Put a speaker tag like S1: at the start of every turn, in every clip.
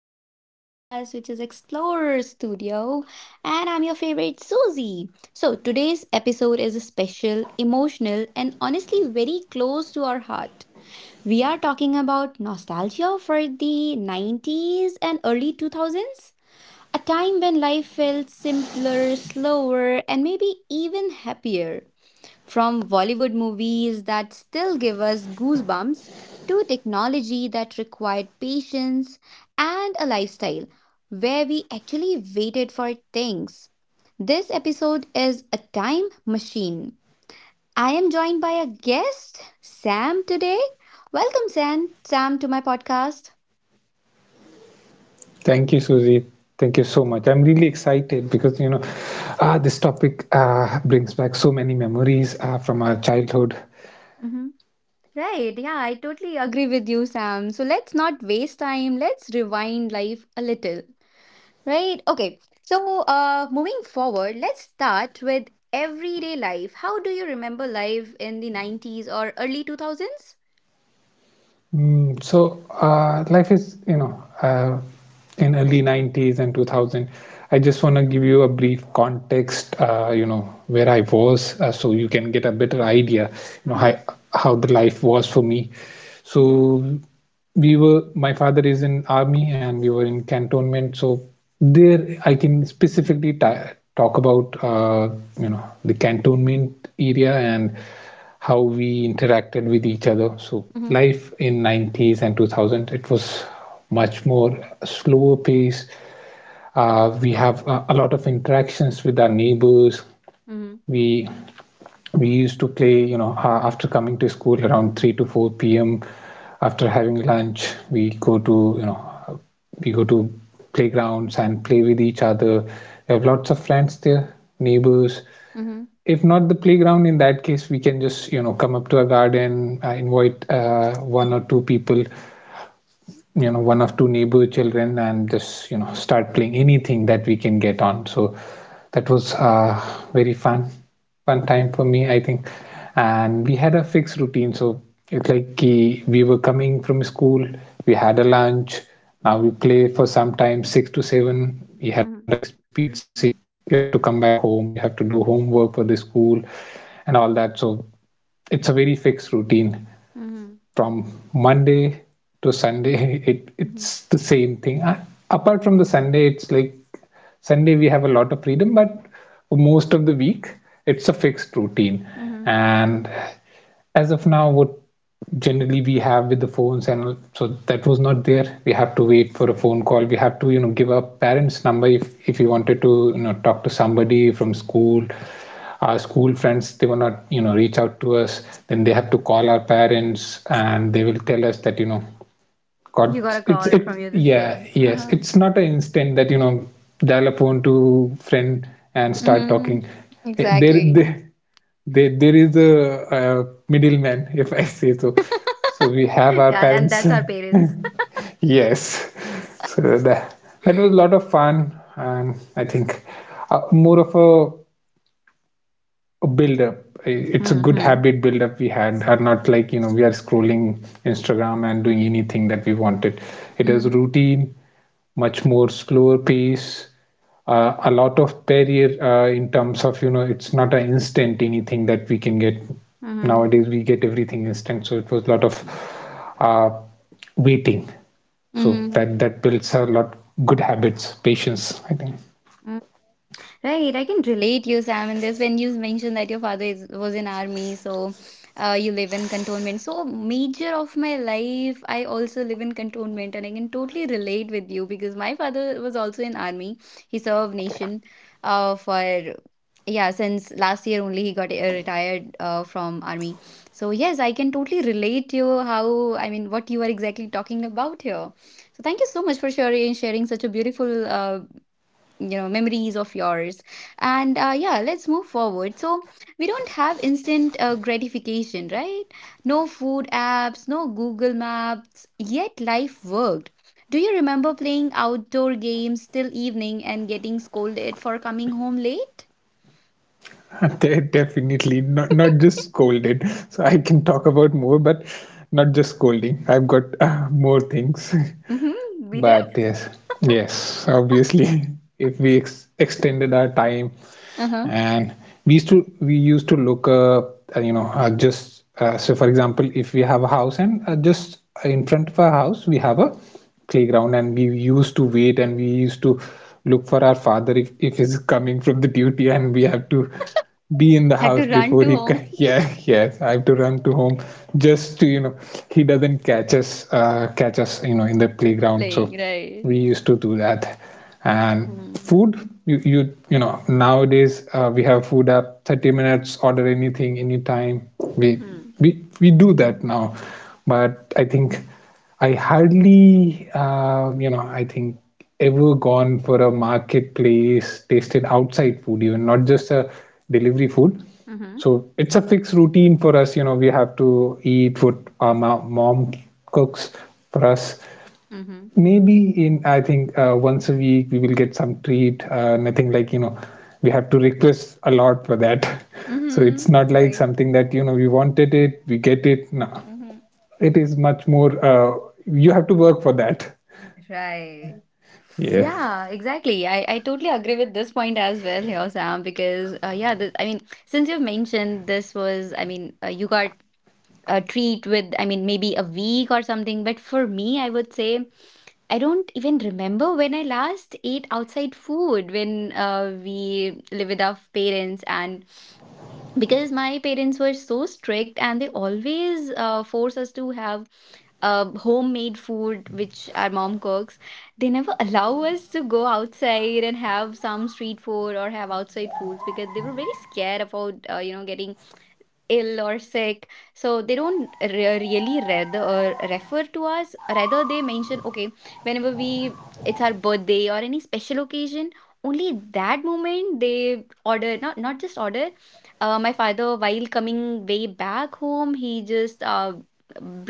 S1: to my podcast, which is Explorer Studio, and I'm your favorite Susie. So, today's episode is special, emotional, and honestly very close to our heart. We are talking about nostalgia for the 90s and early 2000s. A time when life felt simpler, slower, and maybe even happier. From Bollywood movies that still give us goosebumps to technology that required patience and a lifestyle where we actually waited for things. This episode is a time machine. I am joined by a guest, Sam, today. Welcome, Sam to my podcast.
S2: Thank you, Susie. Thank you so much. I'm really excited because this topic brings back so many memories from our childhood.
S1: Right. Yeah, I totally agree with you, Sam. So let's not waste time. Let's rewind life a little. Right? Okay. So, moving forward, let's start with everyday life. How do you remember life in the 90s or early 2000s?
S2: So life is, in early 90s and 2000, I just want to give you a brief context, where I was, so you can get a better idea you know
S1: Mm-hmm.
S2: how, how the life was for me.
S1: Okay.
S2: So we were my father is in army and we were in cantonment, so there I can specifically talk about, the cantonment area and how we interacted with each other. So
S1: Mm-hmm.
S2: life in 90s and 2000, it was much more slower pace. We have a lot of interactions with our neighbors.
S1: Mm-hmm.
S2: We we used to play, after coming to school around 3 to 4 p.m. After having lunch, we go to playgrounds and play with each other. We have lots of friends there, neighbors.
S1: Mm-hmm.
S2: If not the playground, in that case, we can just come up to a garden, invite, one or two people, one of two neighbor children, and just start playing anything that we can get on. So that was, very fun time for me, I think. And we had a fixed routine, so it's like, we were coming from school, we had a lunch, now we play for some time, 6 to 7 we had a
S1: Mm-hmm.
S2: fixed period, say you have to come back home, you have to do homework for the school and all that. So it's a very fixed routine
S1: Mm-hmm.
S2: from Monday to Sunday. it
S1: Mm-hmm.
S2: it's the same thing. Apart from the Sunday, it's like Sunday we have a lot of freedom, but for most of the week it's a fixed routine.
S1: Mm-hmm.
S2: And as of now, what generally we have with the phones and so, that was not there. We have to wait for a phone call. We have to give our parents' number if you wanted to talk to somebody from school. Our school friends, they will not reach out to us. Then they have to call our parents, and they will tell us that, god.
S1: You got a
S2: It's
S1: call from
S2: it
S1: your this
S2: Yeah,
S1: friend.
S2: yes,
S1: Uh-huh.
S2: it's not an instant that, dial a phone to friend and start
S1: Mm-hmm.
S2: talking. Eh, there
S1: Exactly.
S2: there there is a middleman if I say So we have our
S1: Yeah, and that's
S2: parents
S1: our parents.
S2: Yes. So that was a lot of fun, and I think, more of a build up, it's a good
S1: Mm-hmm.
S2: habit build up we had. Are not like, we are scrolling instagram and doing anything that we wanted. It is
S1: Mm-hmm.
S2: routine, much more slower pace, a lot of barrier, in terms of, it's not an instant anything that we can get.
S1: Mm-hmm.
S2: Nowadays we get everything instant, so it was a lot of uh, waiting. So
S1: Mm-hmm.
S2: that builds a lot good habits, patience, I think.
S1: Right, I can relate you, Sam, in this when you mentioned that your father is was in army, so you live in cantonment. So major of my life, I also live in cantonment, and I can totally relate with you because my father was also in army. He served nation, for yeah, since last year only he got retired from army. So yes, I can totally relate to you how I mean what you are exactly talking about here. So thank you so much for sharing such a beautiful memories of yours, and yeah, let's move forward. So we don't have instant gratification, right? No food apps, no Google Maps, yet life worked. Do you remember playing outdoor games till evening and getting scolded for coming home late?
S2: Definitely not, not just scolded. So I can talk about more, but not just scolding. I've got, more things.
S1: Mm-hmm. We did.
S2: But yes, yes, obviously, if we ex extended our time,
S1: Uh-huh.
S2: and we used to look up, you know, just so for example, if we have a house and, just in front of our house we have a playground, and we used to wait and we used to look for our father if he's coming from the duty, and we have to be in the
S1: Had
S2: house
S1: to run
S2: before
S1: to home.
S2: yeah, yes, I have to run to home just to, he doesn't catch us, catch us, in the playground. So
S1: Playing, right?
S2: we used to do that. And
S1: Mm-hmm.
S2: food, nowadays, we have food app, 30 minutes order anything anytime. we
S1: Hmm.
S2: we we do that now, but I think I hardly, I think, ever gone for a marketplace, tasted outside food, even not just a delivery food.
S1: Mm-hmm.
S2: So it's a fixed routine for us, we have to eat what our mom cooks for us.
S1: Mm-hmm.
S2: Maybe in, I think, once a week we will get some treat, nothing like, we have to request a lot for that. So
S1: Mm-hmm.
S2: it's not like
S1: Right.
S2: something that, we wanted it, we get it. No,
S1: Mm-hmm.
S2: it is much more, you have to work for that.
S1: Right.
S2: Yeah.
S1: Yeah, exactly. I totally agree with this point as well here, Sam, because yeah, this, I mean, since you've mentioned this was, I mean, you got a treat with, I mean, maybe a week or something, but for me, I would say I don't even remember when I last ate outside food when we live with our parents, and because my parents were so strict and they always force us to have homemade food which our mom cooks. They never allow us to go outside and have some street food or have outside foods because they were very scared about getting ill or sick. So they don't really rather or refer to us, rather they mention okay, whenever we, it's our birthday or any special occasion, only that moment they order. Not, not just order, my father while coming way back home, he just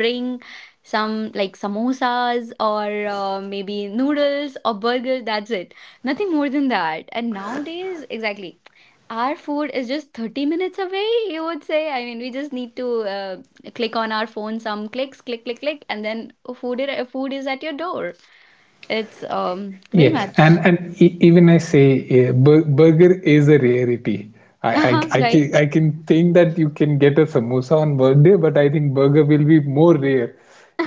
S1: bring some like samosas or maybe noodles or burger, that's it. Nothing more than that. And nowadays exactly, our food is just 30 minutes away, you would say. I mean, we just need to click on our phone, some clicks, click, click, click, and then food is at your door. It's very
S2: Yeah,
S1: much.
S2: and even I say, burger is a rarity.
S1: Uh-huh, right?
S2: I can think that you can get a samosa on birthday, but I think burger will be more rare.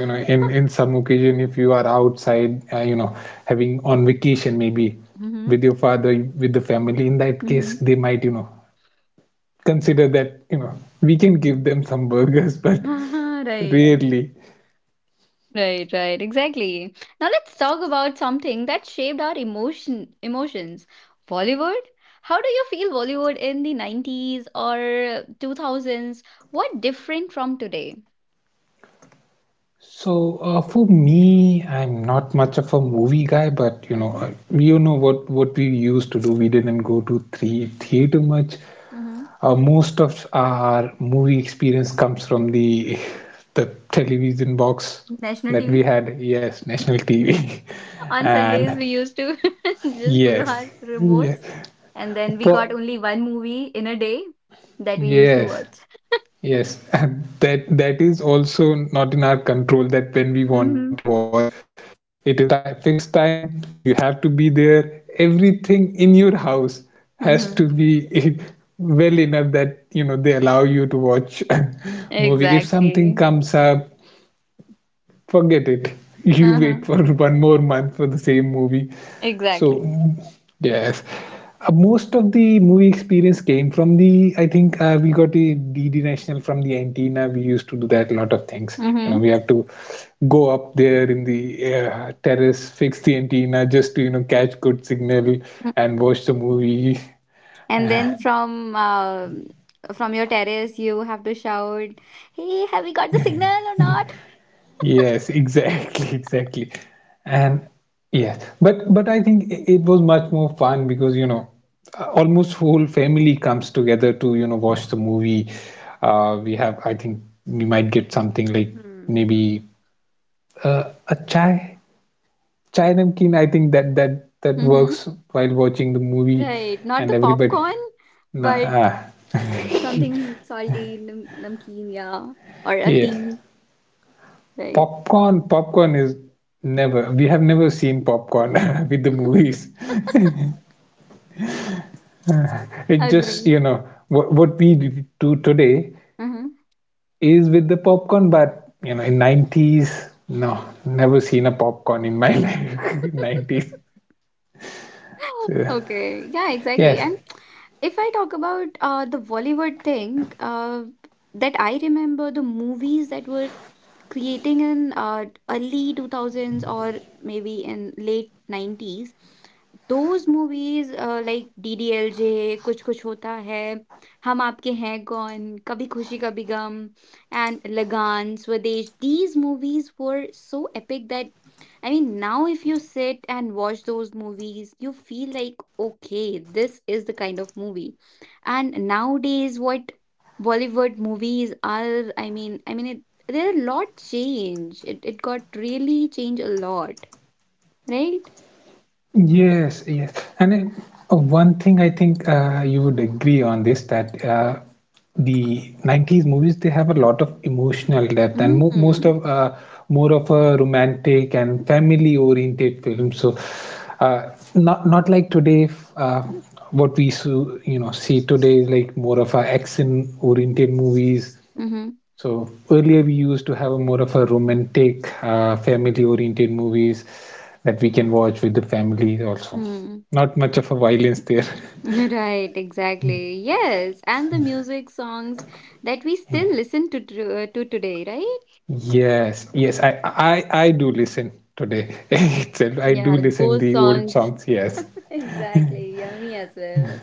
S2: You know, in some occasion, if you are outside, having on vacation maybe
S1: Mm-hmm.
S2: with your father, with the family. In that case,
S1: Mm-hmm.
S2: they might, consider that, we can give them some burgers, but
S1: Uh-huh, right.
S2: rarely.
S1: Right, right, exactly. Now let's talk about something that shaped our emotions. Bollywood? How do you feel Bollywood in the 90s or 2000s? What different from today?
S2: So, for me, I'm not much of a movie guy, but
S1: Okay.
S2: you know what, we used to do. We didn't go to three theater much.
S1: Mm-hmm.
S2: Most of our movie experience comes from the the television box
S1: National
S2: that we
S1: TV.
S2: had. Yes, national TV,
S1: On Sundays,
S2: and
S1: we used to just pull our
S2: yes, yes,
S1: remotes, and then we got
S2: for
S1: only one movie in a day that we used to
S2: yes.
S1: watch.
S2: Yes, that is also not in our control, that when we wanted to
S1: Mm-hmm.
S2: watch, it is a ti fixed time, you have to be there. Everything in your house has to
S1: Mm-hmm.
S2: be well enough that, they allow you to watch movie. If something
S1: Exactly.
S2: comes up, forget it. You wait for
S1: Uh-huh.
S2: one more month for the same movie. So,
S1: Exactly.
S2: yes. Most of the movie experience came from the, I think, we got a DD National from the antenna. We used to do that a lot of things. You know, we
S1: Mm-hmm.
S2: have to go up there in the, terrace, fix the antenna just to, catch good signal and watch the movie.
S1: And then from your terrace, you have to shout, "Hey, have we got the signal or not?"
S2: Yes, exactly, exactly. And yes, but I think it was much more fun because, almost whole family comes together to, watch the movie. We have, I think, we might get something like,
S1: Mm.
S2: maybe, a chai namkeen. I think that that
S1: Mm-hmm.
S2: works while watching the movie,
S1: Right. Not
S2: and
S1: the
S2: everybody.
S1: popcorn,
S2: Nah,
S1: but
S2: ah.
S1: something salty, namkeen, yeah, or a
S2: Yes.
S1: tea, right?
S2: Popcorn is never, we have never seen popcorn with the movies. It just,
S1: Agree.
S2: you know, what, we do today
S1: Uh-huh.
S2: is with the popcorn, but, in 90s, no, never seen a popcorn in my life. 90s. So,
S1: Okay. Yeah, exactly.
S2: yes.
S1: And if I talk about the Bollywood thing, that I remember the movies that were creating in early 2000s or maybe in late 90s, those movies like DDLJ, Kuch Kuch Hota Hai, Hum Aapke Hain Kaun, Kabhi Khushi Kabhi Gum, and Lagan, Swadesh, these movies were so epic that I mean, now if you sit and watch those movies, you feel like, okay, this is the kind of movie. And nowadays, what Bollywood movies are, I mean, there are a lot change. It got really changed a lot, right?
S2: Yes, yes. And, one thing I think, you would agree on this, that, the 90s movies, they have a lot of emotional depth, and mo most
S1: Mm-hmm.
S2: of more of a romantic and family oriented film. So, not like today, what we so, see today is like more of a action oriented movies.
S1: Mm-hmm.
S2: So earlier we used to have a more of a romantic, family-oriented movies that we can watch with the family also.
S1: Mm-hmm.
S2: Not much of a violence there.
S1: Right, exactly. Yes, and the music songs that we still listen to today, right?
S2: Yes, yes, I do listen today itself. I do
S1: Yeah,
S2: listen
S1: those
S2: the old
S1: songs.
S2: songs. Yes,
S1: Exactly. Yeah, me as well.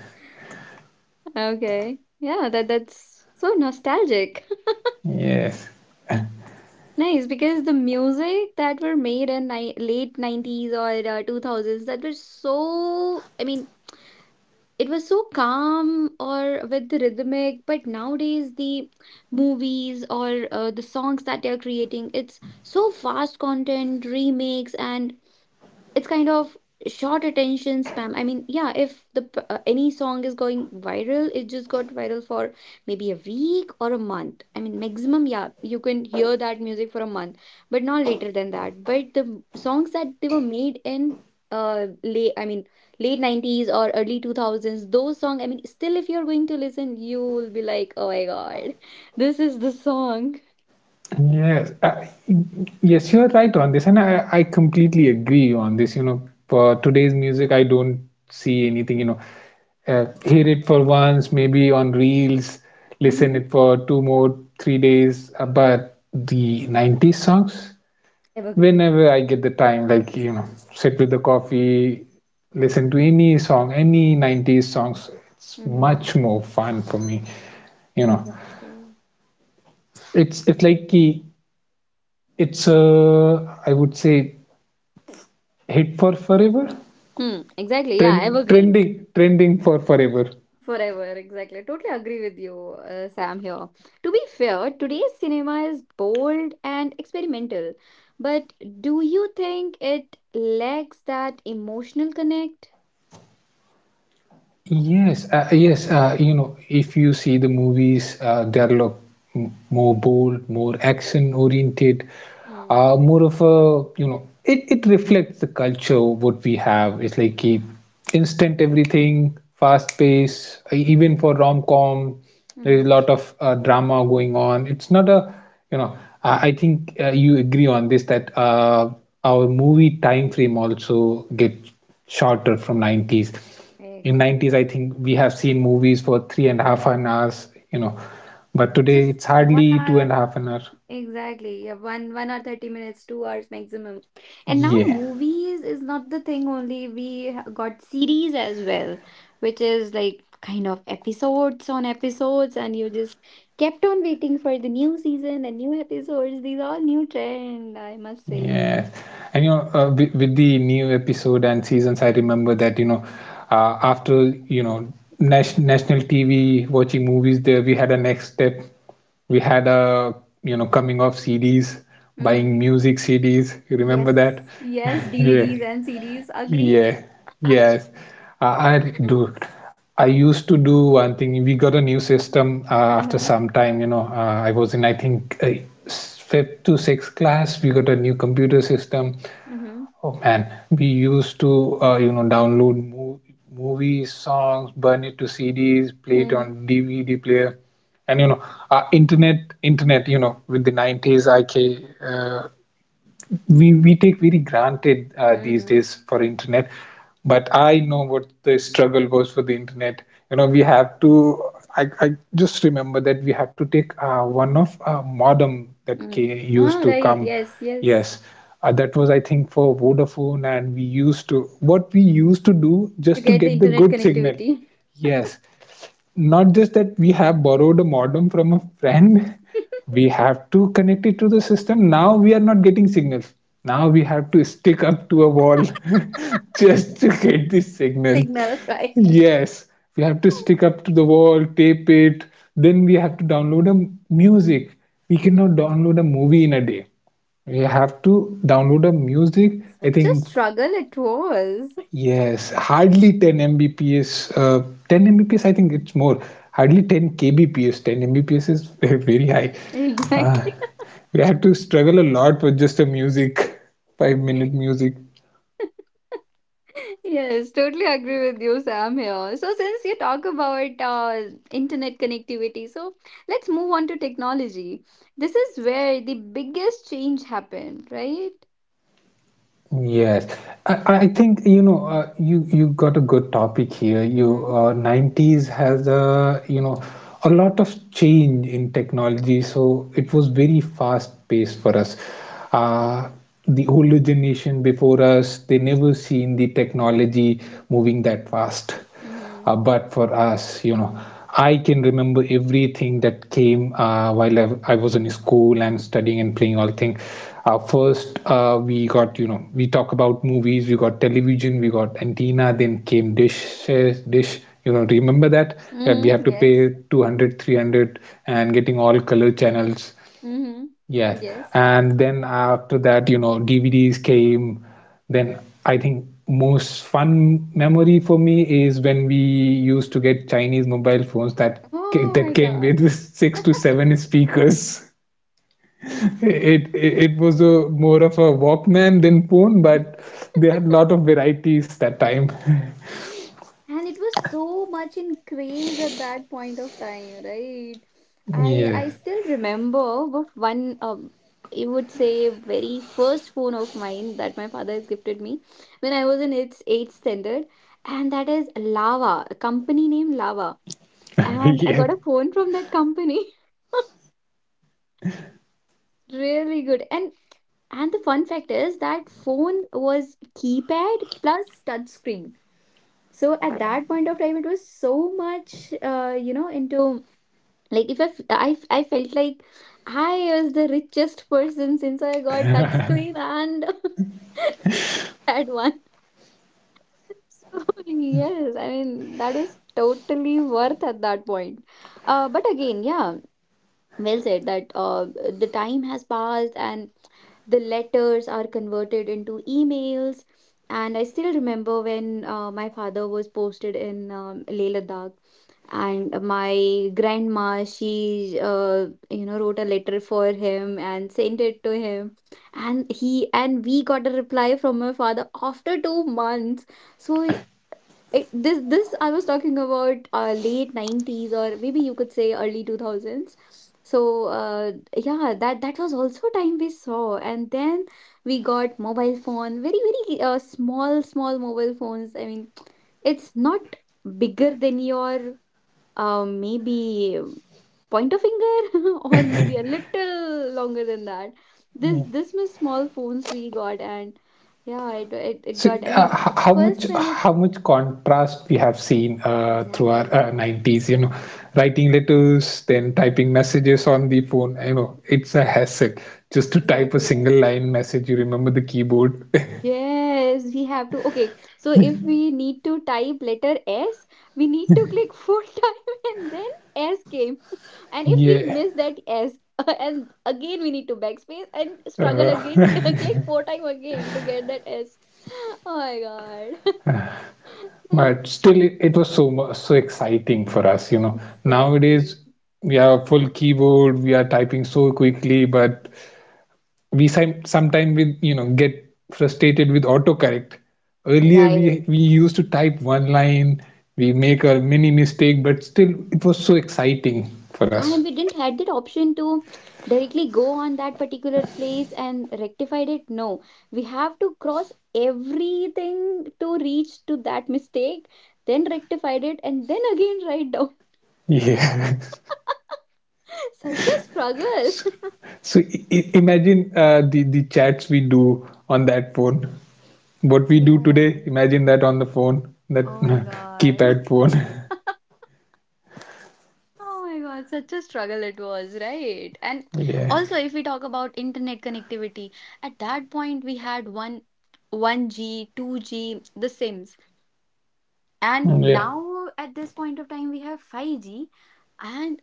S1: Okay. Yeah, that's so nostalgic.
S2: yes.
S1: Nice, because the music that were made in ni late 90s or 2000s, that was so I mean, it was so calm or with the rhythmic. But nowadays the movies or the songs that they are creating, it's so fast content remakes, and it's kind of short attention spam. I mean, yeah, if the any song is going viral, it just got viral for maybe a week or a month, I mean maximum. Yeah, you can hear that music for a month, but not later than that. But the songs that they were made in late I mean late 90s or early 2000s, those song, I mean, still if you're going to listen, you will be like, oh my god, this is the song.
S2: Yes, yes, you're right on this, and I completely agree on this. You know, for today's music, I don't see anything. You know, hear it for once, maybe on reels, listen
S1: Mhm.
S2: it for two more, 3 days. But the '90s songs,
S1: Evergreen.
S2: whenever I get the time, like, sit with the coffee, listen to any song, any '90s songs. It's much
S1: Mhm.
S2: more fun for me. You know,
S1: Exactly.
S2: it's like ki it's, I would say, hit for forever.
S1: Hmm. Exactly. Yeah. Evergreen.
S2: Trending, trending for forever.
S1: Forever. Exactly. I totally agree with you, Sam, here. To be fair, today's cinema is bold and experimental. But do you think it lacks that emotional connect?
S2: Yes, yes. If you see the movies, they're a lot more bold, more action-oriented, more of a, it reflects the culture what we have. It's like keep instant everything, fast pace. Even for rom-com, there is a
S1: Mm-hmm.
S2: lot of, drama going on. It's not a, I think, you agree on this, that, our movie time frame also gets shorter from 90s. In
S1: Exactly.
S2: 90s, I think we have seen movies for three and a half an hours, but today it's
S1: Just one
S2: hardly two
S1: hour
S2: and
S1: or
S2: a half an hour.
S1: exactly. Yeah, one or 30 minutes, two hours maximum. And now
S2: Yeah,
S1: movies is not the thing only. We got series as well, which is like kind of episodes on episodes, and you just kept on waiting for the new season and new episodes. These all new trend, I must say.
S2: yeah. And you know, with the new episode and seasons, I remember that, after, you know national TV watching movies, there we had a next step. We had a, coming off CDs, buying
S1: Mm-hmm.
S2: music CDs, you remember that?
S1: Yes. Yes,
S2: Yeah.
S1: DVDs and series. Agree?
S2: Yeah, yes. I do. I used to do one thing. We got a new system after
S1: Uh-huh.
S2: some time. I was in, I think, fifth to sixth class. We got a new computer system.
S1: Mm-hmm.
S2: Oh man, we used to, download mo movies, songs, burn it to CDs, play it
S1: Mm-hmm.
S2: on DVD player, and uh, internet, internet. With the 90s, IK, we take very granted these
S1: Mm-hmm.
S2: days for internet. But I know what the struggle was for the internet. We have to, I just remember that we have to take one of modem that
S1: Mm.
S2: ca used
S1: Ah,
S2: to
S1: right.
S2: come.
S1: Yes, yes.
S2: Yes, that was, I think, for Vodafone. And we used to what we used to do
S1: To
S2: just to
S1: get the
S2: get the
S1: internet
S2: good signal.
S1: connectivity
S2: Yes, not just that, we have borrowed a modem from a friend. We have to connect it to the system. Now we are not getting signals. Now we have to stick up to a wall just to get this signal.
S1: signal, right?
S2: Yes, we have to stick up to the wall, tape it, then we have to download a music. We cannot download a movie in a day. We have to download a music, I
S1: Such a
S2: think.
S1: struggle it was.
S2: Yes, hardly 10 Mbps. 10 Mbps, I think it's more. Hardly 10 kbps. 10 Mbps is very high. Uh,
S1: Exactly.
S2: we had to struggle a lot with just the music, 5 minute music.
S1: Yes, totally agree with you, Sam here. So since you talk about internet connectivity, so let's move on to technology. This is where the biggest change happened, right?
S2: Yes, I think you got a good topic here. You,
S1: Mm-hmm.
S2: 90s has a you know a lot of change in technology, so it was very fast paced for us. Uh, the older generation before us, they never seen the technology moving that fast.
S1: Mm-hmm.
S2: But for us, I can remember everything that came while I was in school and studying and playing all things. First, we got, we talk about movies. We got television, we got antenna, then came dishes, dish. Remember that? We
S1: Mm-hmm.
S2: have to
S1: Yes.
S2: pay 200, 300, and getting all color channels.
S1: Mm-hmm.
S2: Yes.
S1: Yes.
S2: And then after that, DVDs came. Then I think most fun memory for me is when we used to get Chinese mobile phones
S1: Oh my
S2: that came
S1: God.
S2: with six to seven speakers. It was a more of a Walkman than phone, but they had a lot of varieties that time.
S1: And it was so much in craze at that point of time, right? I
S2: Yes.
S1: still remember of one you would say very first phone of mine that my father has gifted me when I was in its eighth standard. And that is Lava, a company named Lava. And I
S2: Yes.
S1: got a phone from that company. Really good. And the fun fact is that phone was keypad plus touch screen. So at that point of time, it was so much into. Like if I felt like I was the richest person since I got touchscreen and had one. So yes, I mean, that was totally worth at that point. But again, yeah, well said that the time has passed, and the letters are converted into emails. And I still remember when my father was posted in Leh Ladakh, and my grandma, she wrote a letter for him and sent it to him, and he and we got a reply from my father after 2 months. So this I was talking about late 90s, or maybe you could say early 2000s. So yeah, that was also time we saw. And then we got mobile phone, very very small small mobile phones, I mean, it's not bigger than your maybe point a finger or maybe a little longer than that. This was small phones we got. And yeah, it
S2: So,
S1: got, I mean,
S2: how much
S1: first when it
S2: how much contrast we have seen through our
S1: exactly
S2: 90s, writing letters, then typing messages on the phone. It's a hassle just to type a
S1: exactly.
S2: single line message. You remember the keyboard?
S1: Yes, we have to. Okay, so if we need to type letter S, we need to click four time and then S came. And if we
S2: Yeah.
S1: miss that S, and again we need to backspace and struggle again to
S2: Uh,
S1: click four time again to get that S. Oh my God. That is
S2: but still, it was so exciting for us.
S1: exactly
S2: Nowadays, we have a full keyboard, we are typing so quickly, but we sometimes, with get frustrated with autocorrect. Earlier, we
S1: right.
S2: we used to type one line, we make a mini mistake, but still it was so exciting for
S1: And
S2: us.
S1: we didn't had that option to directly go on that particular place and rectified it. No, we have to cross everything to reach to that mistake, then rectified it, and then again write down.
S2: Yeah.
S1: Such a struggle.
S2: So imagine, the chats we do on that phone, what we do today,
S1: Yeah.
S2: imagine that on the phone,
S1: Oh
S2: that
S1: my God.
S2: keypad phone.
S1: Oh my God, such a struggle it was, right? And
S2: Yeah,
S1: also, if we talk about internet connectivity, at that point we had one 1G, 2G, the SIMs. And
S2: yeah.
S1: now at this point of time, we have 5G, and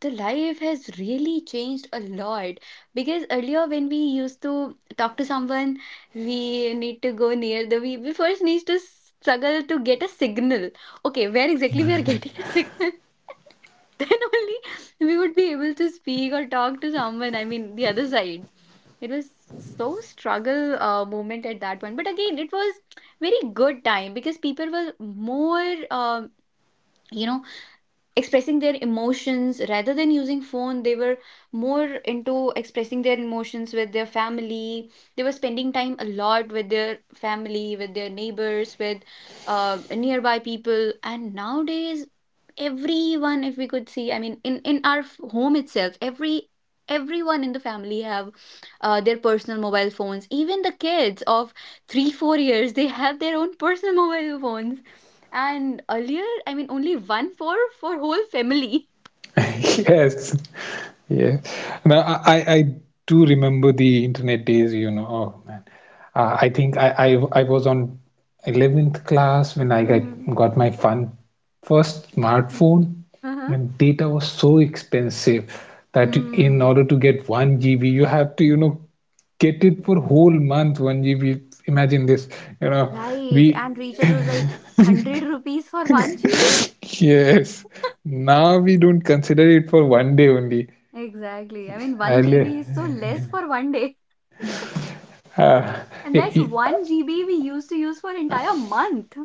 S1: the life has really changed a lot because earlier when we used to talk to someone, we need to go near we first need to struggle to get a signal. Okay, where exactly we are getting a signal, then only we would be able to speak or talk to someone. I mean, the other side. It was so struggle moment at that point, but again, it was very good time because people were more um you know expressing their emotions rather than using phone. They were more into expressing their emotions with their family. They were spending time a lot with their family, with their neighbors, with nearby people. And nowadays, everyone, if we could see, I mean, in our home itself, everyone in the family have their personal mobile phones. Even the kids of 3 4 years, they have their own personal mobile phones. And earlier, I mean, only one for whole family.
S2: Yes. Yes. Now, I do remember the internet days, you know. Oh man. I think I was on 11th class when I
S1: Mm-hmm.
S2: got my fun first smartphone.
S1: Uh-huh.
S2: And data was so expensive that in
S1: Mm,
S2: order to get 1 GB you have to, get it for whole month, 1 GB. Imagine this, you know,
S1: right.
S2: we
S1: And recharge was like 100 rupees for 1 GB.
S2: yes. Now we don't consider it for one day only.
S1: Exactly. I mean, 1
S2: Earlier.
S1: GB is so less for one day.
S2: Uh,
S1: And that
S2: y- y-
S1: 1 GB we used to use for entire month.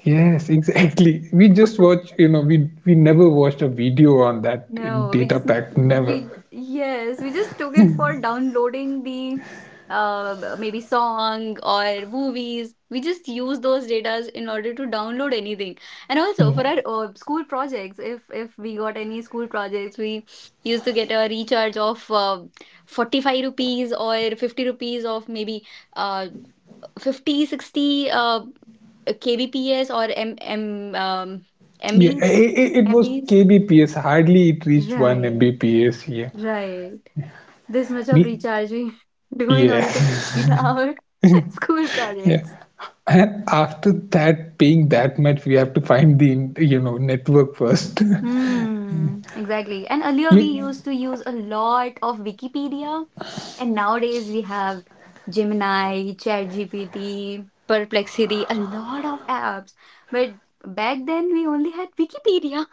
S2: yes, exactly. We just watch, we never watched a video on that
S1: No, we
S2: data
S1: just
S2: pack,
S1: we
S2: never.
S1: yes, we just took it for downloading the maybe song or movies. We just use those datas in order to download anything. And also
S2: Yeah,
S1: for our school projects, if we got any school projects, we used to get a recharge of 45 rupees or 50 rupees of maybe uh fifty sixty 60 KBPS or M M
S2: yeah,
S1: MB
S2: it was
S1: MBs.
S2: kbps. Hardly it reached one
S1: Right.
S2: mbps. Yeah,
S1: Right. This much of
S2: we
S1: recharge we do in
S2: yeah.
S1: order to complete our school
S2: Yeah.
S1: projects.
S2: And after that, paying that much, we have to find the network first.
S1: Hmm, exactly. And earlier we
S2: you
S1: used to use a lot of Wikipedia, and nowadays we have Gemini, ChatGPT, Perplexity, a lot of apps. But back then we only had Wikipedia,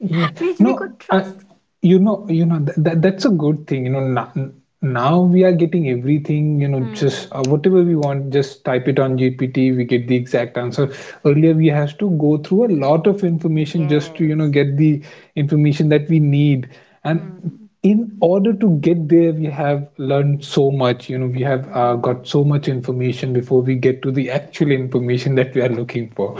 S2: Yeah.
S1: which we could
S2: No, I,
S1: trust.
S2: you know that, that's a good thing. Now we are getting everything. Just
S1: Hmm.
S2: whatever we want, just type it on GPT. We get the exact answer. Earlier, we have to go through a lot of information just to
S1: Yes.
S2: get the information that we need. And
S1: Hmm.
S2: in order to get there, we have learned so much. We have
S1: Mm-hmm.
S2: got so much information before we get to the actual information that we are looking for.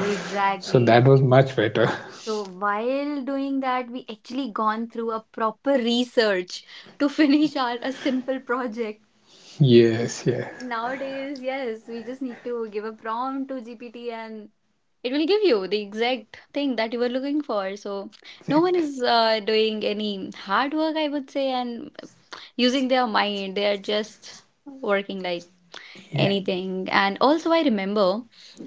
S2: So that was much better.
S1: So while doing that, we actually gone through a proper research to finish our a simple project.
S2: Yes, yes.
S1: And nowadays, yes, we just need to give a prompt to GPT, and it will give you the exact thing that you were looking for. So no one
S2: Exactly.
S1: is doing any hard work, I would say, and using their mind. They are just working like
S2: Yeah.
S1: anything. And also I remember,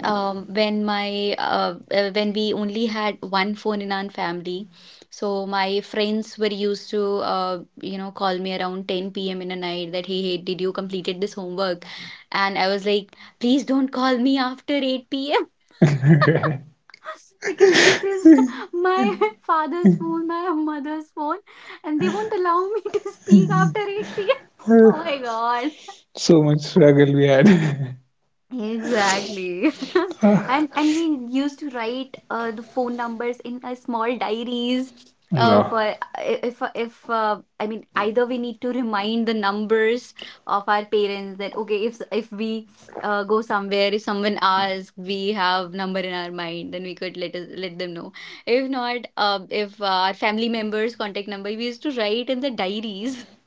S1: when my when we only had one phone in our family. So my friends were used to call me around 10 p.m. in a night that hey, hey, did you completed this homework? And I was like, please don't call me after 8 p.m. because this is my father's phone, my mother's phone, and they won't allow me to speak after 8 p.m. Oh my God.
S2: So much struggle we had.
S1: Exactly. And we used to write the phone numbers in a small diaries
S2: Yeah.
S1: for if I mean either we need to remind the numbers of our parents that okay if we go somewhere, if someone asks, we have number in our mind, then we could let them know. If not, if our family members contact number we used to write in the diaries.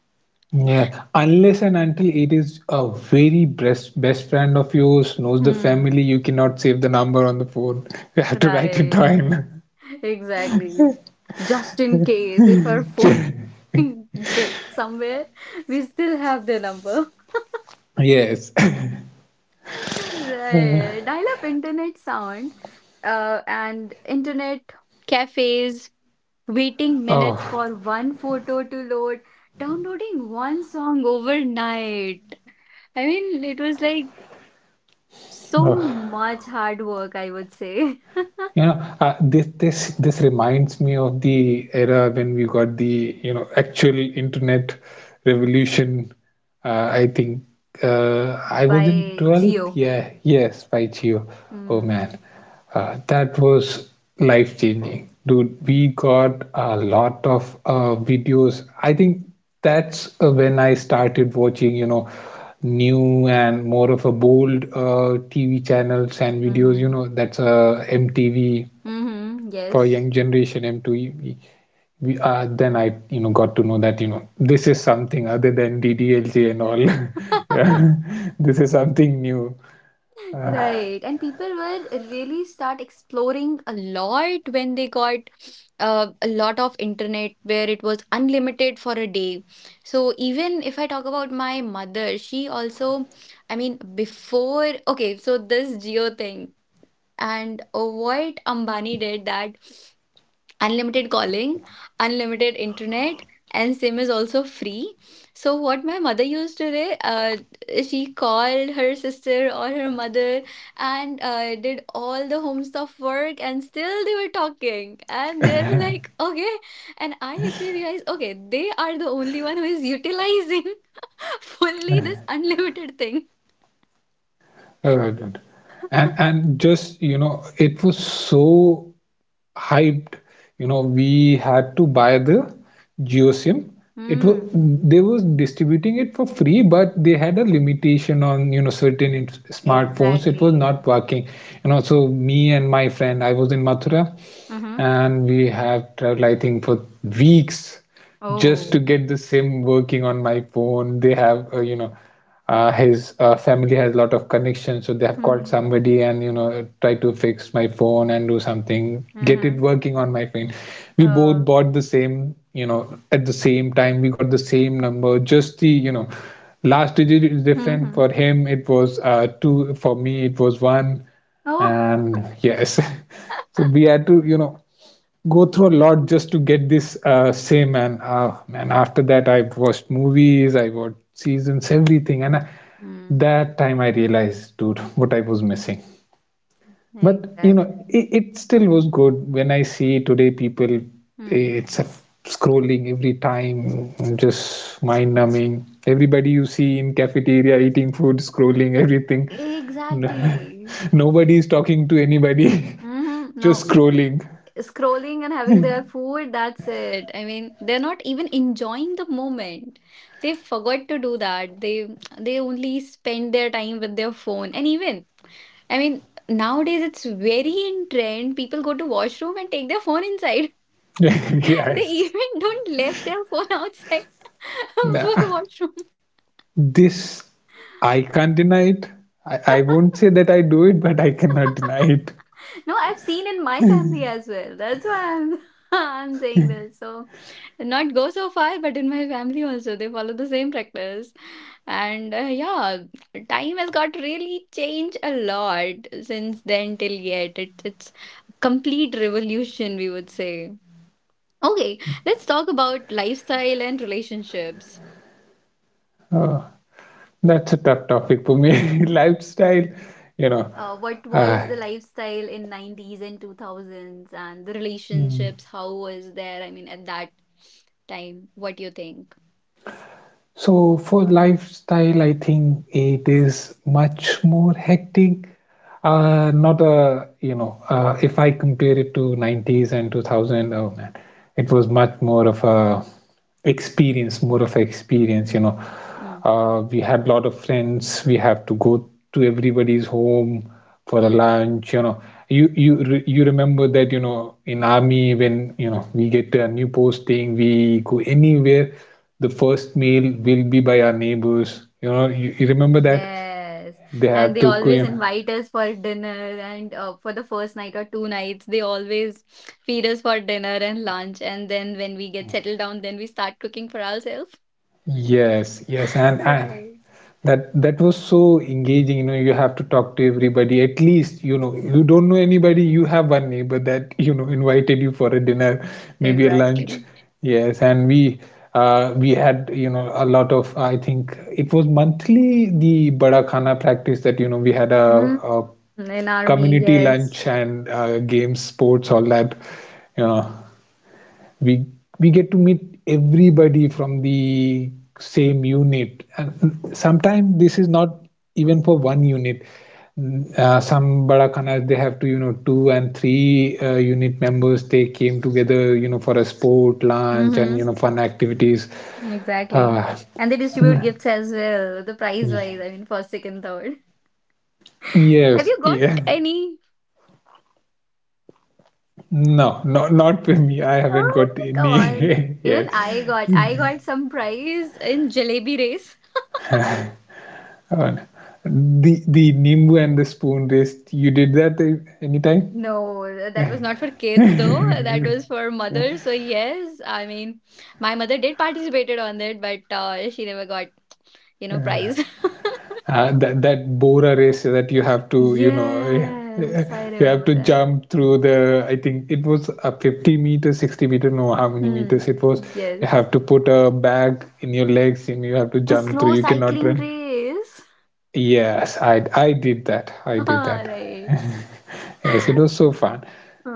S2: Yeah, unless and until it is a very best best friend of yours knows the
S1: Hmm.
S2: family, you cannot save the number on the phone. You have to write it
S1: Right.
S2: down.
S1: Exactly. Just in case if our phone gets somewhere, we still have the number.
S2: Yes.
S1: Right. Dial-up internet sound, and internet cafes, waiting
S2: Oh,
S1: minutes for one photo to load, downloading one song overnight. I mean, it was like so
S2: oh.
S1: much hard work, I would say.
S2: This reminds me of the era when we got the actual internet revolution. I think I was in
S1: By
S2: 12th.
S1: Geo.
S2: Yeah, yes, by Geo. Oh
S1: Mm.
S2: man, that was life changing, dude. We got a lot of videos. I think that's when I started watching, new and more of a bold TV channels and videos. You
S1: Mm-hmm.
S2: know, that's MTV
S1: Mm-hmm.
S2: for young
S1: Yes.
S2: generation, MTV. Then I, got to know that, this is something other than DDLJ and all. Yeah, this is something new.
S1: Right. And people were really start exploring a lot when they got a lot of internet where it was unlimited for a day. So even if I talk about my mother, she also, I mean, before, okay, so this Geo thing, and what Ambani did that. Unlimited calling, unlimited internet, and SIM is also free. So what my mother used to do, she called her sister or her mother, and did all the home stuff work, and still they were talking, and they'll be like, okay. And I actually realized, okay, they are the only one who is utilizing fully this unlimited thing.
S2: Uh, and and just, it was so hyped. We had to buy the geosim. It was,
S1: Hmm.
S2: they was distributing it for free, but they had a limitation on certain smartphones. It was
S1: Exactly.
S2: not working. So me and my friend, I was in Mathura.
S1: Mm-hmm.
S2: And we have traveled, I think, for weeks just to
S1: Oh.
S2: get the sim working on my phone. They have, his family has a lot of connections, so they have called
S1: Hmm.
S2: somebody and try to fix my phone and do something, get it
S1: Mm-hmm.
S2: working on my phone. We both
S1: Oh.
S2: bought the same, at the same time. We got the same number, just the, last digit is different.
S1: Mm-hmm.
S2: For him it was two, for me it was one.
S1: Oh,
S2: And yes. So we had to, go through a lot just to get this same. And man, after that, I watched movies, I watched seasons, everything. And
S1: hmm,
S2: that time I realized, dude, what I was missing. But
S1: exactly.
S2: it still was good. When I see today people,
S1: Hmm.
S2: it's a scrolling every time, just mind numbing. Everybody you see in cafeteria eating food, scrolling everything.
S1: Exactly.
S2: Nobody is talking to anybody.
S1: No,
S2: Just scrolling.
S1: scrolling and having their food, that's it. I mean, they're not even enjoying the moment. They forgot to do that. They only spend their time with their phone. And even, I mean, nowadays it's very in trend. People go to washroom and take their phone inside. They
S2: Yes.
S1: even don't left their phone outside for
S2: Nah,
S1: washroom.
S2: this I can't deny it. I won't say that I do it, but I cannot deny it.
S1: No, I've seen in my family as well. That's why I'm I'm saying this. So not go so far, but in my family also they follow the same practice. And yeah, time has got really changed a lot since then till yet. It's complete revolution, we would say. Okay, let's talk about lifestyle and relationships.
S2: Uh, that's a tough topic for me. Lifestyle, you know,
S1: What was
S2: uh,
S1: the lifestyle in 90s and 2000s and the relationships, how was there? I mean, at that time, what you think?
S2: so for lifestyle, I think it is much more hectic. Not a, if I compare it to 90s and 2000, oh man, it was much more of a experience, more of a experience, you know.
S1: Mm.
S2: We had lot of friends. We have to go to everybody's home for a
S1: Hmm.
S2: lunch, you know. You remember that, in army when, we get a new posting, we go anywhere. The first meal will be by our neighbors. You remember that
S1: Yes,
S2: they
S1: and
S2: have
S1: they
S2: to,
S1: always invite us for dinner, and for the first night or 2 nights, they always feed us for dinner and lunch. And then when we get settled down, then we start cooking for ourselves.
S2: yes, yes, and
S1: Right.
S2: that was so engaging. You have to talk to everybody. At least, you don't know anybody. You have one neighbor that invited you for a dinner, maybe a lunch.
S1: Exactly.
S2: Yes. and we We had, a lot of, I think it was monthly, the bada khana practice, that we had a,
S1: Mm.
S2: a
S1: In army,
S2: community lunch
S1: yes.
S2: and games, sports, all that. you know we we get to meet everybody from the same unit. And sometimes this is not even for one unit. Some barakanas, they have to, two and three unit members, they came together for a sport lunch and
S1: Mm-hmm.
S2: fun activities. uh,
S1: Exactly. And they distribute gifts as well, the prize wise, I mean, first, second, third. Have
S2: yes
S1: you got
S2: yeah.
S1: any?
S2: No, no, not for me. I haven't
S1: Oh,
S2: got
S1: come
S2: any
S1: on. Even
S2: yet.
S1: I got some prize in jalebi race.
S2: Uh, the nimbu and the spoon race, you did that, anytime?
S1: No, that was not for kids though. That was for mothers. So yes, I mean, my mother did participated on that, but she never got, prize.
S2: That bora race that you have to, eh,
S1: Yes, I
S2: you have
S1: remember
S2: to
S1: that.
S2: jump through. The, I think, it was a 50 meter, 60 meter, no, how many
S1: Hmm.
S2: meters it was? You
S1: Yes.
S2: have to put a bag in your legs and you have to
S1: And
S2: jump through.
S1: slow
S2: You cannot
S1: cycling
S2: run.
S1: race.
S2: Yes, I did that. I did
S1: All
S2: that.
S1: right.
S2: Yes, it was so fun.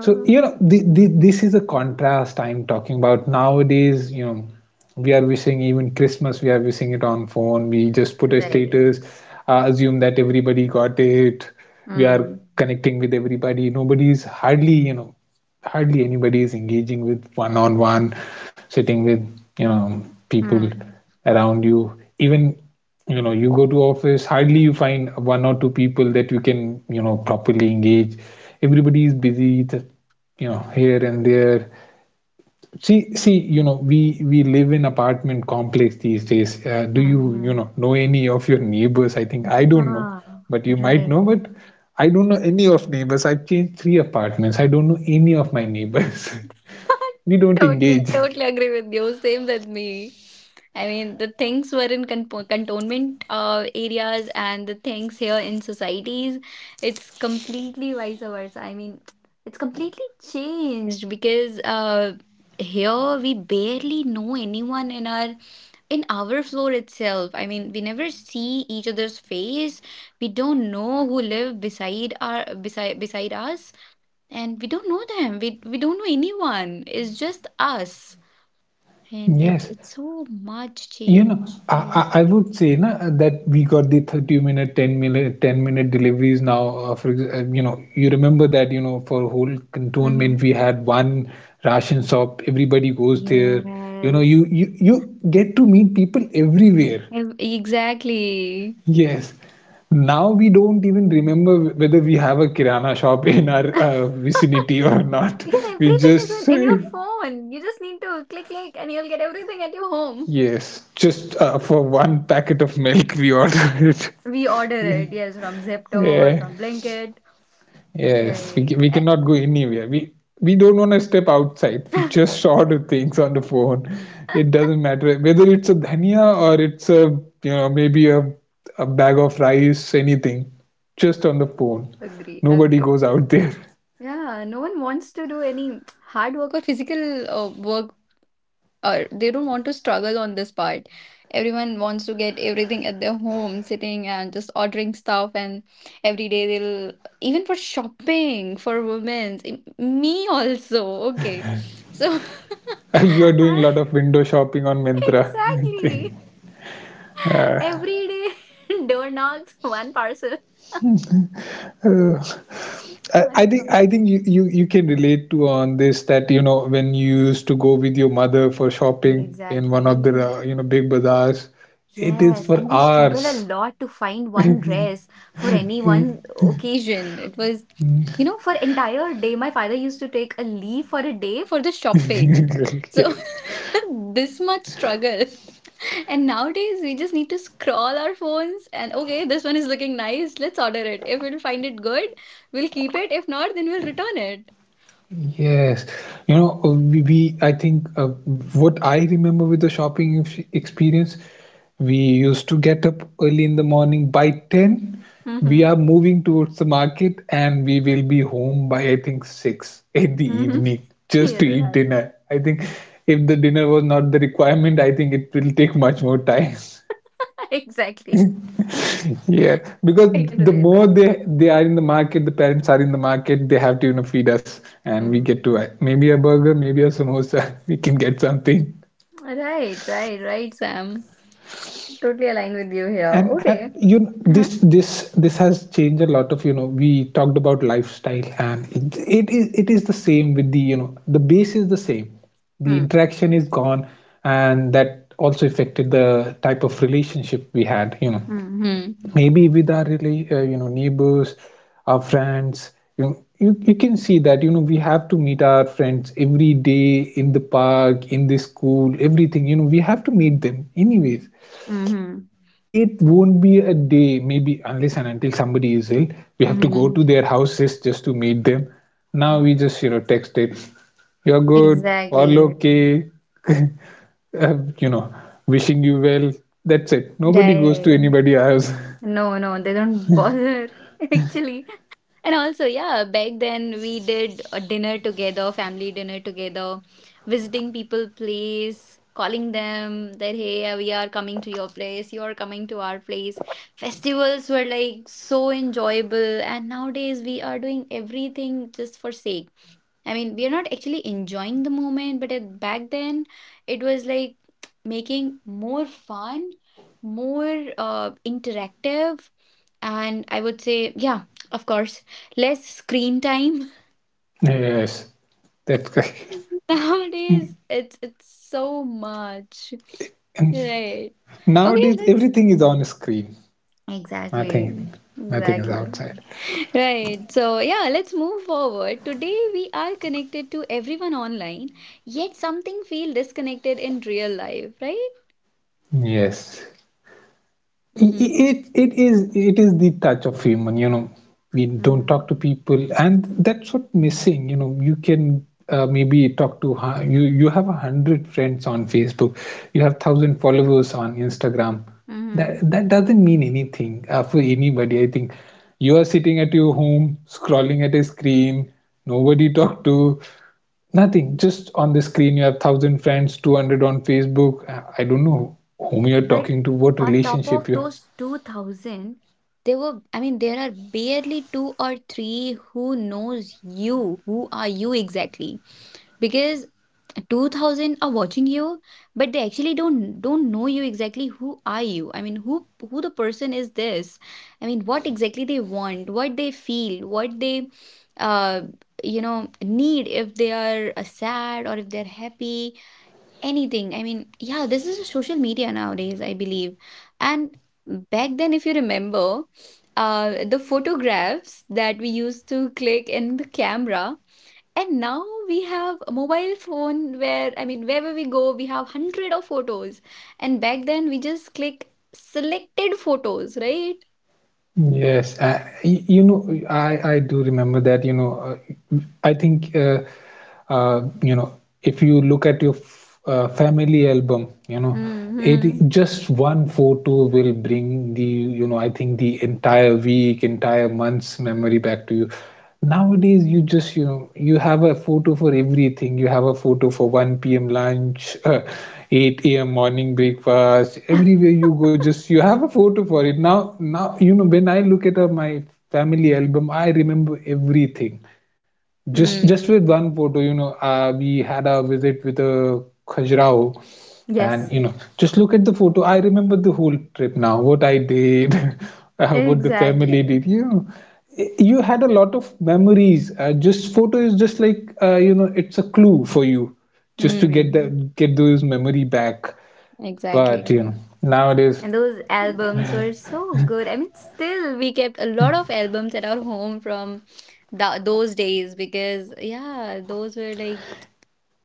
S2: So, this is a contrast I'm talking about. Nowadays, we are wishing even Christmas, we are wishing it on phone. We just put a
S1: right.
S2: status, assume that everybody got it. We are
S1: Mm,
S2: connecting with everybody. Nobody's hardly, hardly anybody is engaging with one on one, sitting with you know people
S1: mm,
S2: around you. Even you go to office, hardly you find one or two people that you can properly engage. Everybody is busy, here and there. See, we live in apartment complex these days. Do
S1: mm,
S2: you, you
S1: mm.
S2: know, know any of your neighbors? I think I don't know,
S1: Ah,
S2: but you might
S1: right.
S2: know. But I don't know any of neighbors. I've changed three apartments. I don't know any of my neighbors. We don't engage.
S1: Totally, totally agree with you. Same with me. I mean, the things were in cantonment areas, and the things here in societies, it's completely vice versa. I mean, it's completely changed because here we barely know anyone in our floor itself. I mean, we never see each other's face. We don't know who live beside our beside beside us, and we don't know them. We don't know anyone. It's just us. And it's
S2: Yes.
S1: it's so much
S2: You know,
S1: change, right?
S2: I would say na, that we got the 30 minute, 10 minute, 10-minute deliveries now. For ex- you know, you remember that you know for whole
S1: Mm-hmm.
S2: cantonment we had one ration shop. Everybody goes there. You know, you
S1: Yes.
S2: you you get to meet people everywhere.
S1: Exactly.
S2: Yes. Now we don't even remember whether we have a kirana shop in our vicinity or not.
S1: Because
S2: We
S1: everything is
S2: just
S1: in your
S2: say
S1: phone. You just need to click, click, and you'll get everything at your home.
S2: yes. Just for one packet of milk, we order it.
S1: We order it, yes, from Zepto or
S2: Yeah.
S1: from Blinkit.
S2: Yes, we can,
S1: Right.
S2: we
S1: Eh,
S2: cannot go anywhere. We don't want to step outside. We just order things on the phone. It doesn't matter whether it's a dhania or it's a you know maybe a bag of rice, anything, just on the phone.
S1: Agree,
S2: Nobody
S1: agree.
S2: goes out there.
S1: Yeah, no one wants to do any hard work or physical work, or they don't want to struggle on this part. Everyone wants to get everything at their home, sitting and just ordering stuff, and every day they'll, even for shopping for women's me also. Okay, so
S2: You are doing a
S1: I-
S2: lot of window shopping on Myntra, I think.
S1: exactly.
S2: Uh,
S1: Every day, door knocks, one parcel.
S2: uh,
S1: Oh
S2: I I
S1: my God.
S2: think I think you, you can relate to on this that you know when you used to go with your mother for shopping in one of the
S1: Exactly.
S2: you know big bazaars, it is
S1: Yes,
S2: for
S1: and we struggle a
S2: hours.
S1: lot to find one dress for any one occasion. It was, for entire day, my father used to take a leave for a day for the shopping.
S2: Yeah.
S1: So this much struggle. And nowadays, we just need to scroll our phones and okay, this one is looking nice. Let's order it. If we'll find it good, we'll keep it. If not, then we'll return it.
S2: Yes, you know, we I think what I remember with the shopping experience, we used to get up early in the morning by 10. We
S1: Hmm.
S2: are moving towards the market and we will be home by I think 6 in the
S1: Mhm.
S2: evening just to
S1: You're
S2: eat
S1: right.
S2: dinner. I think if the dinner was not the requirement, I think it will take much more time.
S1: Exactly.
S2: Yeah, because
S1: I can
S2: the
S1: relate
S2: more
S1: that.
S2: they they are in the market, the parents are in the market, they have to, you know, feed us and we get
S1: Mm.
S2: to maybe a burger, maybe a samosa, we can get something.
S1: Right, right, right, Sam. Totally aligned with you here.
S2: And
S1: Okay.
S2: you know,
S1: Uh-huh.
S2: this has changed a lot of, you know, we talked about lifestyle and it is the same with the, you know, the base is the same. The
S1: Hmm.
S2: interaction is gone and that also affected the type of relationship we had, you know.
S1: Mm-hmm.
S2: Maybe with our really you know neighbors, our friends, you know, you can see that you know we have to meet our friends every day in the park in the school everything, you know, we have to meet them anyways.
S1: Mm-hmm.
S2: It won't be a day maybe unless and until somebody is ill. We have to go to
S1: Mm-hmm.
S2: their houses just to meet them. Now we just, you know, text it. You're good, all
S1: Exactly.
S2: okay. You know, wishing you well. That's it, nobody goes to
S1: Right.
S2: anybody else.
S1: No, no, they don't bother. Actually, and also, yeah, back then we did a dinner together, family dinner together, visiting people place, calling them that hey, we are coming to your place, you are coming to our place. Festivals were like so enjoyable, and nowadays we are doing everything just for sake. I mean, we are not actually enjoying the moment, but back then it was like making more fun, more interactive. And I would say, yeah, of course, less screen time.
S2: Yes, that's correct.
S1: Nowadays, it's so much,
S2: And
S1: right? Okay,
S2: nowadays,
S1: let's
S2: everything is on screen.
S1: exactly,
S2: Nothing, nothing is
S1: exactly.
S2: outside.
S1: Right. So, yeah, let's move forward. Today, we are connected to everyone online, yet something feel disconnected in real life, right?
S2: Yes.
S1: Mm-hmm.
S2: it it is the touch of human, you know. We don't
S1: Mm-hmm.
S2: talk to people and that's what missing. You know, you can maybe talk to you, you have a hundred friends on Facebook, you have thousand followers on Instagram.
S1: Mm-hmm.
S2: That that doesn't mean anything for anybody, I think. You are sitting at your home scrolling at a screen. Nobody talk to, nothing, just on the screen. You have 1000 friends, 200 on Facebook. I don't know whom you are
S1: But
S2: talking to, what
S1: on top of
S2: relationship you.
S1: those 2000, There were, I mean, there are barely two or three who knows you. Who are you exactly? Because 2000 are watching you, but they actually don't know you exactly. Who are you? I mean, who the person is this. I mean, what exactly they want, what they feel, what they uh need, if they are sad or if they're happy, anything. I mean, yeah, this is a social media nowadays, I believe. And back then, if you remember, the photographs that we used to click in the camera, and now we have a mobile phone where, I mean, wherever we go, we have hundred of photos. And back then we just click selected photos, right?
S2: Yes, I, you know, I do remember that. You know, uh, I think you know, if you look at your f family album, you know, it
S1: Mm-hmm.
S2: just one photo will bring the you know I think the entire week, entire month's memory back to you. Nowadays, you just, you know, you have a photo for everything. You have a photo for 1 p.m. lunch, 8 a.m. morning breakfast. Everywhere you go, just you have a photo for it. You know, when I look at my family album, I remember everything. Just
S1: Mm.
S2: with one photo, you know, we had a visit with a Khajuraho, and
S1: Yes,
S2: you know, just look at the photo. I remember the whole trip now. What I did, what the family
S1: exactly.
S2: did. You had a lot of memories. Just photo is just like you know, it's a clue for you, just to get
S1: Mm,
S2: that get those memory back.
S1: exactly.
S2: But you know, nowadays,
S1: And those albums were so good. I mean, still, we kept a lot of albums at our home from those days, because, yeah, those were like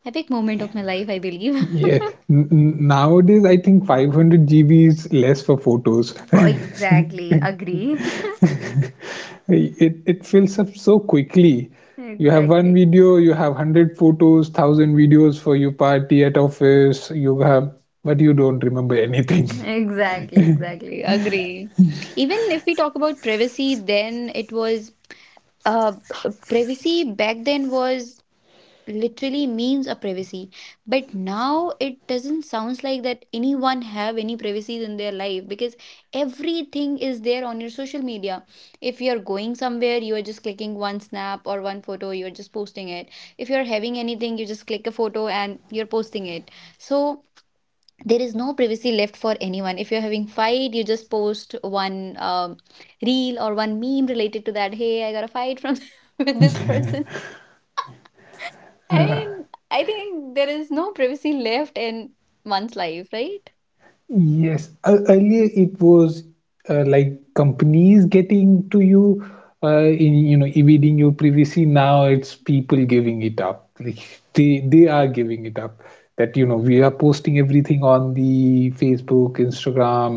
S1: epic moment of my life, I believe.
S2: yeah, nowadays I think 500 GB is less for photos.
S1: For exactly agree.
S2: It fills up so quickly. You have one
S1: Exactly.
S2: video, you have 100 photos, 1000 videos for your party at office you have, but you don't remember anything.
S1: Exactly. Exactly. Agree. Even if we talk about privacy, then it was uh privacy. Back then was literally means a privacy. But now it doesn't sounds like that anyone have any privacy in their life, because everything is there on your social media. If you're going somewhere, you are just clicking one snap or one photo, you're just posting it. If you're having anything, you just click a photo and you're posting it. So there is no privacy left for anyone. If you're having fight, you just post one reel or one meme related to that. Hey, I got a fight from with this person. I mean, I think there is no privacy left in one's life, right?
S2: Yes, earlier it was like companies getting to you in you know evading your privacy. Now it's people giving it up, like they are giving it up. That you know we are posting everything on the Facebook, Instagram,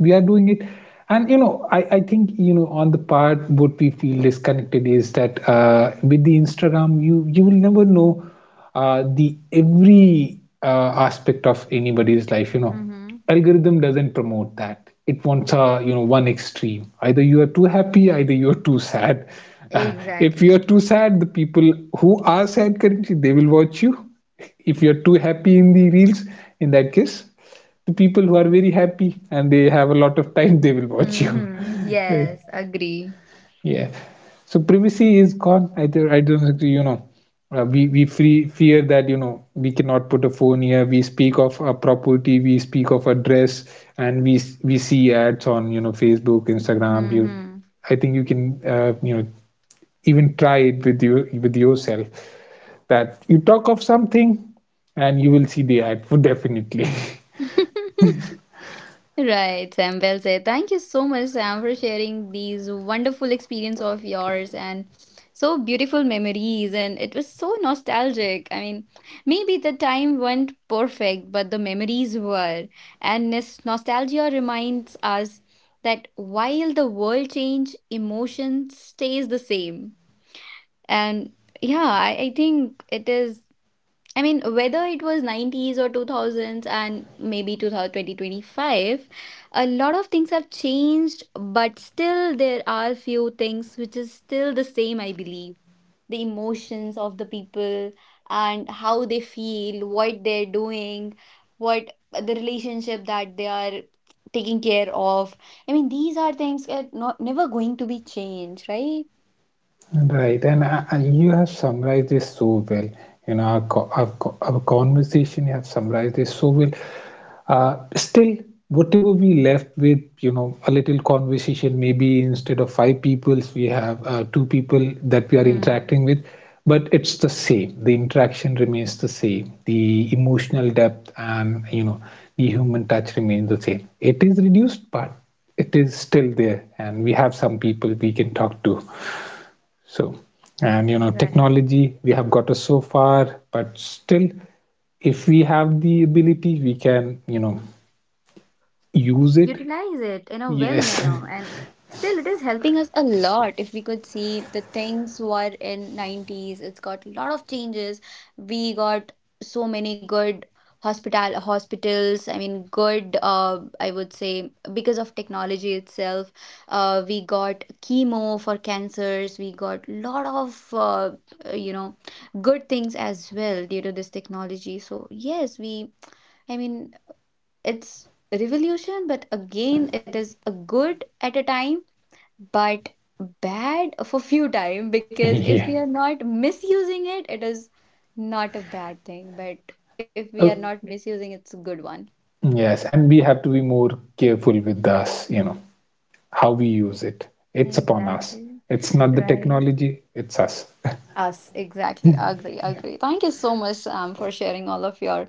S2: we are doing it. And you know I think you know on the part what we feel disconnected is that with the Instagram you you will never know the every aspect of anybody's life, you know.
S1: Mm-hmm.
S2: Algorithm doesn't promote that. It wants a you know one extreme, either you are too happy, either you are too sad. Uh, if you are
S1: Exactly.
S2: too sad, the people who are sad currently they will watch you. If you're too happy in the reels, in that case, the people who are very happy and they have a lot of time they will watch you.
S1: Mm-hmm,
S2: Right.
S1: yes, agree.
S2: Yeah, so privacy is gone. I, I don't think you know we we fear that you know we cannot put a phone here, we speak of a property, we speak of a dress, and we see ads on you know Facebook, Instagram, you.
S1: Mm-hmm.
S2: I think you can you know even try it with you with yourself, that you talk of something and you will see the ad for definitely.
S1: Right, Sam. Well said. Thank you so much, Sam, for sharing these wonderful experience of yours and so beautiful memories. And it was so nostalgic. I mean, maybe the time weren't perfect, but the memories were. And this nostalgia reminds us that while the world change, emotion stays the same. And yeah, I think it is, I mean, whether it was 90's or 2000s and maybe 2025, a lot of things have changed, but still there are few things which is still the same, I believe. The emotions of the people, and how they feel, what they're doing, what the relationship that they are taking care of. I mean, these are things that not never going to be changed, right?
S2: Right, and you have summarized this so well. You know, our conversation, you have summarized this so well. Still, whatever we left with, you know, a little conversation, maybe instead of five peoples, we have two people that we are interacting
S1: Hmm.
S2: with, but it's the same. The interaction remains the same. The emotional depth and, you know, the human touch remains the same. It is reduced, but it is still there, and we have some people we can talk to. So, and you know,
S1: Right.
S2: technology, we have got us so far, but still, if we have the ability, we can, you know, use it.
S1: Utilize it in a well
S2: Yes.
S1: manner. And still it is helping us a lot. If we could see, the things were in 90's it's got a lot of changes. We got so many good hospitals, I mean good, I would say, because of technology itself, we got chemo for cancers, we got lot of uh, you know good things as well due to this technology. So yes, we, I mean, it's a revolution, but again, it is a good at a time, but bad for few time, because if we
S2: Yeah.
S1: are not misusing it, it is not a bad thing. But if we are
S2: Oh,
S1: not misusing, it's a good one.
S2: yes. And we have to be more careful with us, you know, how we use it. It's upon us.
S1: Exactly.
S2: It's not the
S1: Right.
S2: technology, it's us.
S1: Us, exactly. Agree, agree. Thank you so much, for sharing all of your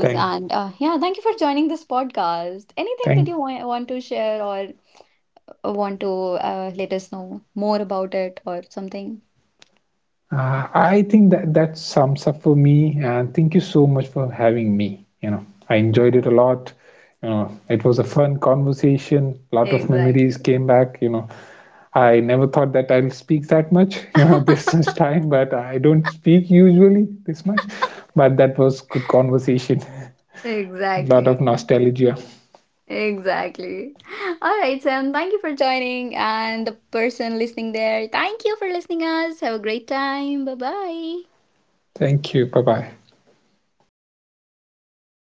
S2: thank,
S1: and yeah, thank you for joining this podcast. Anything that
S2: Thank,
S1: you want to share, or want to, let us know more about it or something?
S2: I think that that sums up for me, and thank you so much for having me. You know, I
S1: Uh,
S2: enjoyed it a lot. You know, it was a fun conversation. A lot of memories
S1: Exactly.
S2: came back. You know, I never thought that I'll speak that much. You know, this much time, but I don't speak usually this much. But that was good conversation. A lot of
S1: Exactly.
S2: nostalgia.
S1: Exactly. All right, Sam, thank you for joining. And the person listening there, thank you for listening us. Have a great time. Bye bye.
S2: Thank you. Bye bye.